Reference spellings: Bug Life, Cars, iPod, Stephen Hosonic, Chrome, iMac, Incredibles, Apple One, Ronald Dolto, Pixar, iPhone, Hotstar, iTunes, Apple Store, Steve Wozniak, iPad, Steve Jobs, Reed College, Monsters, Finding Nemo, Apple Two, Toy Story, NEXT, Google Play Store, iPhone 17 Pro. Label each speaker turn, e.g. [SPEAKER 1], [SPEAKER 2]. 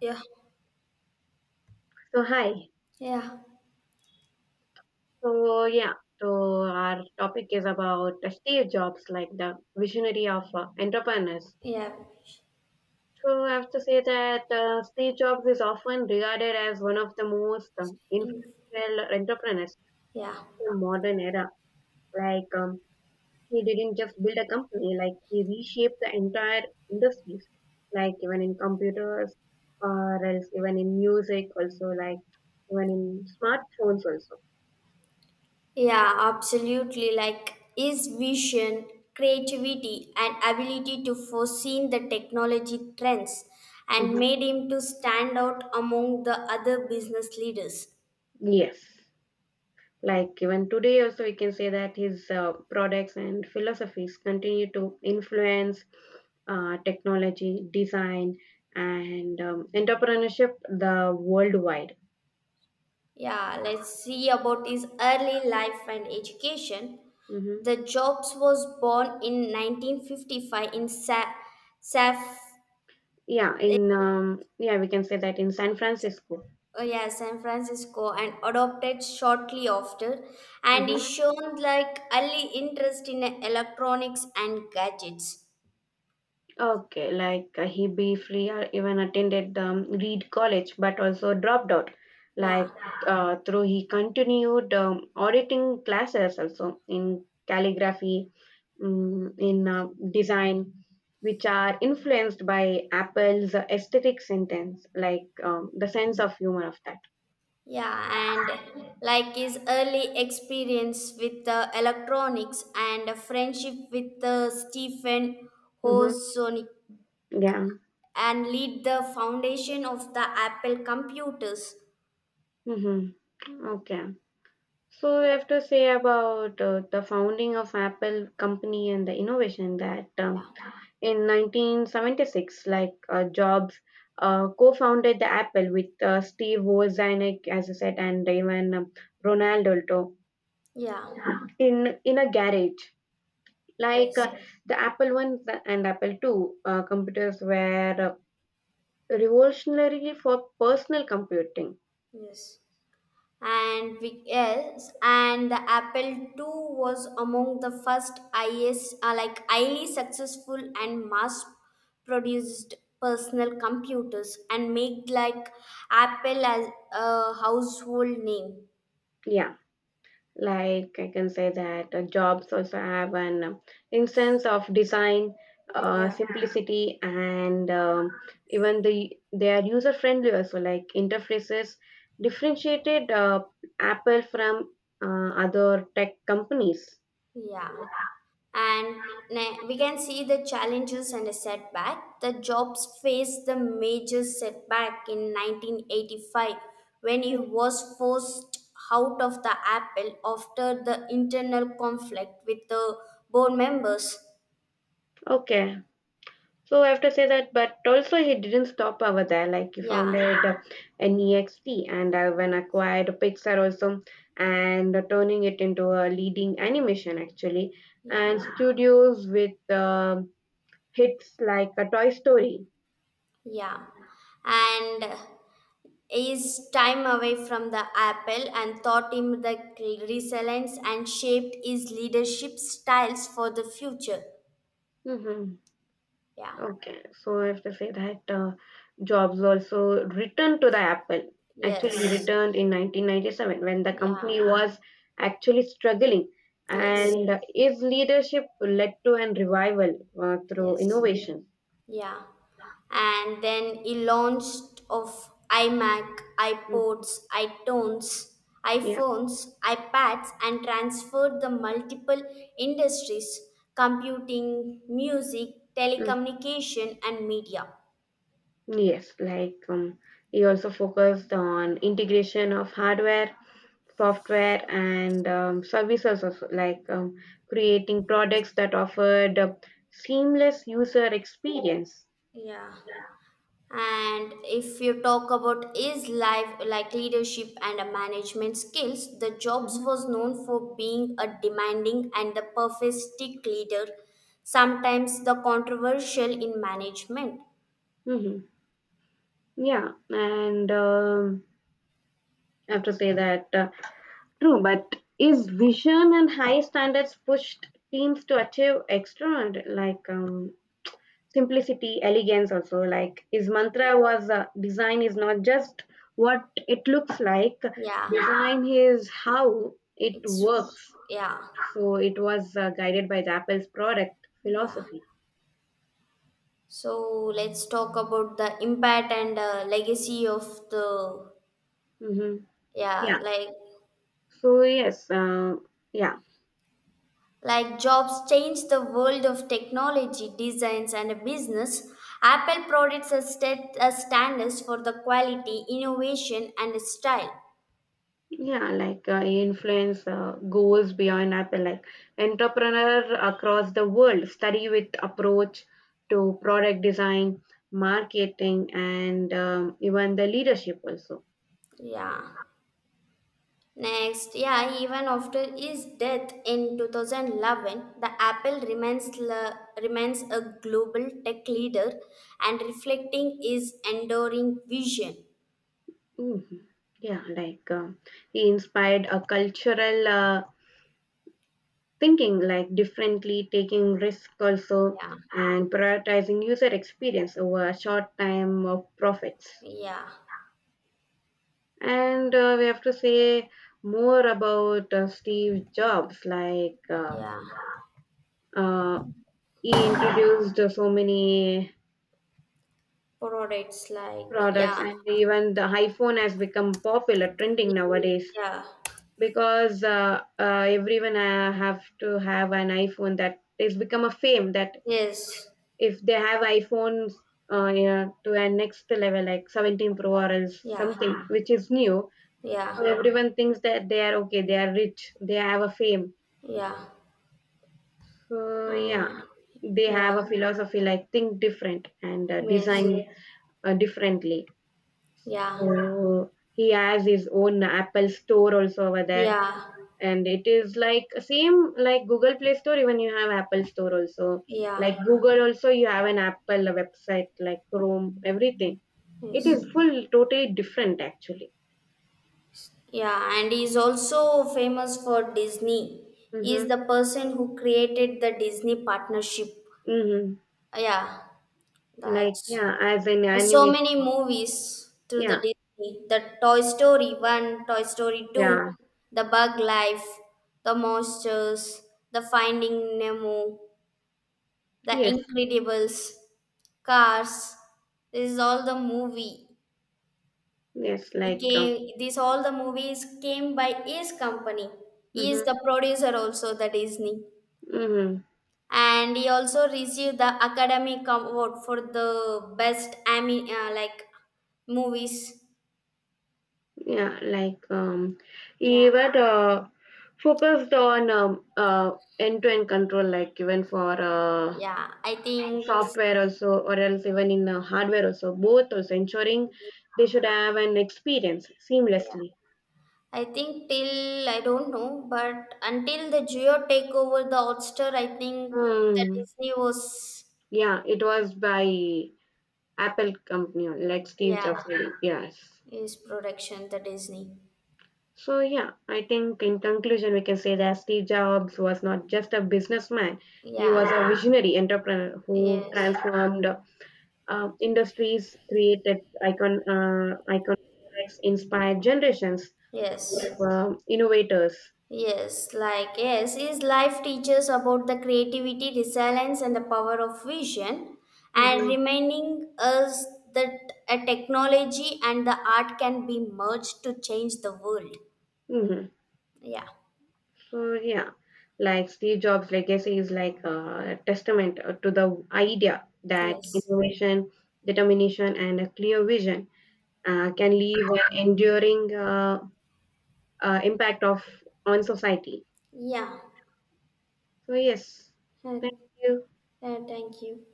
[SPEAKER 1] Yeah,
[SPEAKER 2] So hi.
[SPEAKER 1] yeah,
[SPEAKER 2] So yeah. So our topic is about Steve Jobs, like the visionary of entrepreneurs.
[SPEAKER 1] yeah,
[SPEAKER 2] So I have to say that Steve Jobs is often regarded as one of the most
[SPEAKER 1] In-
[SPEAKER 2] influential entrepreneurs
[SPEAKER 1] yeah,
[SPEAKER 2] in the modern era. Like um, he didn't just build a company, like he reshaped the entire industries, like even in computers or else even in music also, like even in smartphones also.
[SPEAKER 1] yeah, Absolutely. Like his vision, creativity, and ability to foresee the technology trends, and
[SPEAKER 2] Hmm
[SPEAKER 1] made him to stand out among the other business leaders.
[SPEAKER 2] Yes. Like even today, also we can say that his products and philosophies continue to influence technology, design, and entrepreneurship the worldwide.
[SPEAKER 1] Yeah, let's see about his early life and education.
[SPEAKER 2] Hmm
[SPEAKER 1] The Jobs was born in 1955 in Saf-
[SPEAKER 2] Yeah, in yeah, we can say that in San Francisco.
[SPEAKER 1] Oh, yeah, San Francisco, and adopted shortly after, and he
[SPEAKER 2] Hmm
[SPEAKER 1] shown like early interest in electronics and gadgets.
[SPEAKER 2] Okay, like he briefly even attended Reed College, but also dropped out.
[SPEAKER 1] Yeah,
[SPEAKER 2] Like through he continued auditing classes also in calligraphy, in design, which are influenced by Apple's aesthetic sentence, like the sense of humor of that.
[SPEAKER 1] yeah, and like his early experience with the electronics and a friendship with the Stephen
[SPEAKER 2] Mm-hmm.
[SPEAKER 1] Hosonic
[SPEAKER 2] Yeah.
[SPEAKER 1] and lead the foundation of the Apple computers.
[SPEAKER 2] Mm-hmm. Okay, so we have to say about the founding of Apple company and the innovation that
[SPEAKER 1] Yeah,
[SPEAKER 2] in 1976, like Jobs co-founded the Apple with Steve Wozniak, as I said, and even Ronald Dolto,
[SPEAKER 1] yeah,
[SPEAKER 2] in a garage. Like
[SPEAKER 1] yes,
[SPEAKER 2] yes, the Apple One and Apple Two computers were revolutionary for personal computing.
[SPEAKER 1] yes. Yes, and the Apple II was among the first IS, like highly successful and mass-produced personal computers, and made like Apple as a household name.
[SPEAKER 2] Yeah, like I can say that Jobs also have an instance of design,
[SPEAKER 1] Yeah.
[SPEAKER 2] simplicity, and even the they are user friendly also. Like interfaces differentiated Apple from other tech companies.
[SPEAKER 1] Yeah. And we can see the challenges and the setback. The jobs faced the major setback in 1985 when he was forced out of the Apple after the internal conflict with the board members.
[SPEAKER 2] Okay, so I have to say that, but also he didn't stop over there. Like he
[SPEAKER 1] Yeah,
[SPEAKER 2] founded NEXT and when acquired Pixar also, and turning it into a leading animation actually,
[SPEAKER 1] yeah,
[SPEAKER 2] and studios with hits like a Toy Story.
[SPEAKER 1] yeah. And his time away from the Apple and taught him the resilience and shaped his leadership styles for the future.
[SPEAKER 2] Hmm
[SPEAKER 1] Yeah.
[SPEAKER 2] Okay, so I have to say that Jobs also returned to the Apple. Actually, he
[SPEAKER 1] Yes.
[SPEAKER 2] returned in 1997 when the
[SPEAKER 1] Yeah.
[SPEAKER 2] company was actually struggling,
[SPEAKER 1] Yes.
[SPEAKER 2] and his leadership led to an revival through
[SPEAKER 1] Yes.
[SPEAKER 2] innovation.
[SPEAKER 1] Yeah. And then he launched of iMac,
[SPEAKER 2] Mm,
[SPEAKER 1] iPods, iTunes,
[SPEAKER 2] Yeah,
[SPEAKER 1] iPhones, iPads and transferred the multiple industries, computing, music,
[SPEAKER 2] mm,
[SPEAKER 1] telecommunication and media.
[SPEAKER 2] yes, like he also focused on integration of hardware, software, and services, also, like creating products that offered a seamless user experience.
[SPEAKER 1] Yeah. And if you talk about is life like leadership and a management skills, the Jobs
[SPEAKER 2] Mhm.
[SPEAKER 1] was known for being a demanding and the perfectionistic leader, sometimes the controversial in management.
[SPEAKER 2] Mhm. Yeah, and I have to say that true, but is vision and high standards pushed teams to achieve extra, like simplicity, elegance, also like is mantra was, design is not just what it looks like,
[SPEAKER 1] Yeah,
[SPEAKER 2] design is how it
[SPEAKER 1] it's
[SPEAKER 2] works.
[SPEAKER 1] yeah,
[SPEAKER 2] So it was guided by the Apple's product
[SPEAKER 1] yeah.
[SPEAKER 2] philosophy.
[SPEAKER 1] So let's talk about the impact and legacy of the
[SPEAKER 2] Hmm
[SPEAKER 1] yeah,
[SPEAKER 2] Yeah.
[SPEAKER 1] like
[SPEAKER 2] So yes, yeah.
[SPEAKER 1] Like jobs change the world of technology, designs, and business. Apple products are set as standards for the quality, innovation, and style.
[SPEAKER 2] Yeah, like influence goes beyond Apple. Like entrepreneur across the world study with approach to product design, marketing, and even the leadership also.
[SPEAKER 1] Yeah. Next, yeah, even after his death in 2011, the Apple remains a global tech leader and reflecting his enduring vision.
[SPEAKER 2] Mhm. Yeah, like he inspired a cultural thinking, like differently, taking risk also,
[SPEAKER 1] Yeah,
[SPEAKER 2] and prioritizing user experience over short time of profits.
[SPEAKER 1] yeah,
[SPEAKER 2] And we have to say more about Steve Jobs. Like
[SPEAKER 1] yeah.
[SPEAKER 2] uh, he introduced so many
[SPEAKER 1] Products like
[SPEAKER 2] products,
[SPEAKER 1] yeah,
[SPEAKER 2] and even the iPhone has become popular, trending nowadays,
[SPEAKER 1] yeah,
[SPEAKER 2] because everyone have to have an iPhone. That is become a fame that
[SPEAKER 1] yes,
[SPEAKER 2] if they have iPhones yeah, to a next level, like 17 Pro or else
[SPEAKER 1] yeah.
[SPEAKER 2] something which is new, so
[SPEAKER 1] Yeah,
[SPEAKER 2] everyone thinks that they are okay, they are rich, they have a fame.
[SPEAKER 1] yeah, uh,
[SPEAKER 2] Yeah, they have
[SPEAKER 1] yeah,
[SPEAKER 2] a philosophy like think different, and
[SPEAKER 1] yes,
[SPEAKER 2] design differently.
[SPEAKER 1] yeah,
[SPEAKER 2] So he has his own Apple store also over there,
[SPEAKER 1] yeah,
[SPEAKER 2] and it is like same like Google Play Store. Even you have Apple Store also,
[SPEAKER 1] yeah,
[SPEAKER 2] like Google also, you have an Apple website like Chrome, everything. It
[SPEAKER 1] yes,
[SPEAKER 2] is full totally different actually.
[SPEAKER 1] yeah, And he's also famous for Disney.
[SPEAKER 2] Mm-hmm.
[SPEAKER 1] He's the person who created the Disney partnership.
[SPEAKER 2] Mm-hmm.
[SPEAKER 1] Yeah,
[SPEAKER 2] Like
[SPEAKER 1] that's
[SPEAKER 2] yeah, as an
[SPEAKER 1] So
[SPEAKER 2] animation.
[SPEAKER 1] many movies through the
[SPEAKER 2] Yeah,
[SPEAKER 1] Disney. The Toy Story 1, Toy Story 2,
[SPEAKER 2] yeah,
[SPEAKER 1] The Bug Life, The Monsters, The Finding Nemo, The
[SPEAKER 2] yes,
[SPEAKER 1] Incredibles. Cars. This is all the movie.
[SPEAKER 2] yes.
[SPEAKER 1] He
[SPEAKER 2] Like.
[SPEAKER 1] came. This all the movies came by his company. He is
[SPEAKER 2] Mm-hmm.
[SPEAKER 1] the producer also, the Disney,
[SPEAKER 2] Mm-hmm.
[SPEAKER 1] and he also received the Academy Award for the best ami like movies.
[SPEAKER 2] Yeah, like
[SPEAKER 1] Yeah,
[SPEAKER 2] even focused on end-to-end control, like even for
[SPEAKER 1] yeah. I think
[SPEAKER 2] software also or else even in hardware also, both also ensuring they should have an experience
[SPEAKER 1] yeah.
[SPEAKER 2] seamlessly.
[SPEAKER 1] I think till I don't know, but until the Geo take over the Hotstar, I think the
[SPEAKER 2] Mm.
[SPEAKER 1] Disney was
[SPEAKER 2] Yeah, it was by Apple company, like Steve
[SPEAKER 1] yeah,
[SPEAKER 2] Jobs really. Yes.
[SPEAKER 1] his production, the Disney.
[SPEAKER 2] So yeah, I think in conclusion we can say that Steve Jobs was not just a businessman, he was
[SPEAKER 1] Yeah,
[SPEAKER 2] a visionary entrepreneur who
[SPEAKER 1] yes,
[SPEAKER 2] transformed industries, created icon iconics, inspired generations
[SPEAKER 1] yes,
[SPEAKER 2] of innovators.
[SPEAKER 1] yes. Like, yes, is life teaches about the creativity, resilience, and the power of vision, and
[SPEAKER 2] Hmm
[SPEAKER 1] reminding us that a technology and the art can be merged to change the world.
[SPEAKER 2] hmm
[SPEAKER 1] Yeah,
[SPEAKER 2] so yeah, like Steve Jobs legacy is like a testament to the idea that
[SPEAKER 1] yes,
[SPEAKER 2] innovation, determination, and a clear vision can leave an enduring impact of on society.
[SPEAKER 1] yeah.
[SPEAKER 2] So yes,
[SPEAKER 1] Uh,
[SPEAKER 2] thank you.
[SPEAKER 1] Thank you.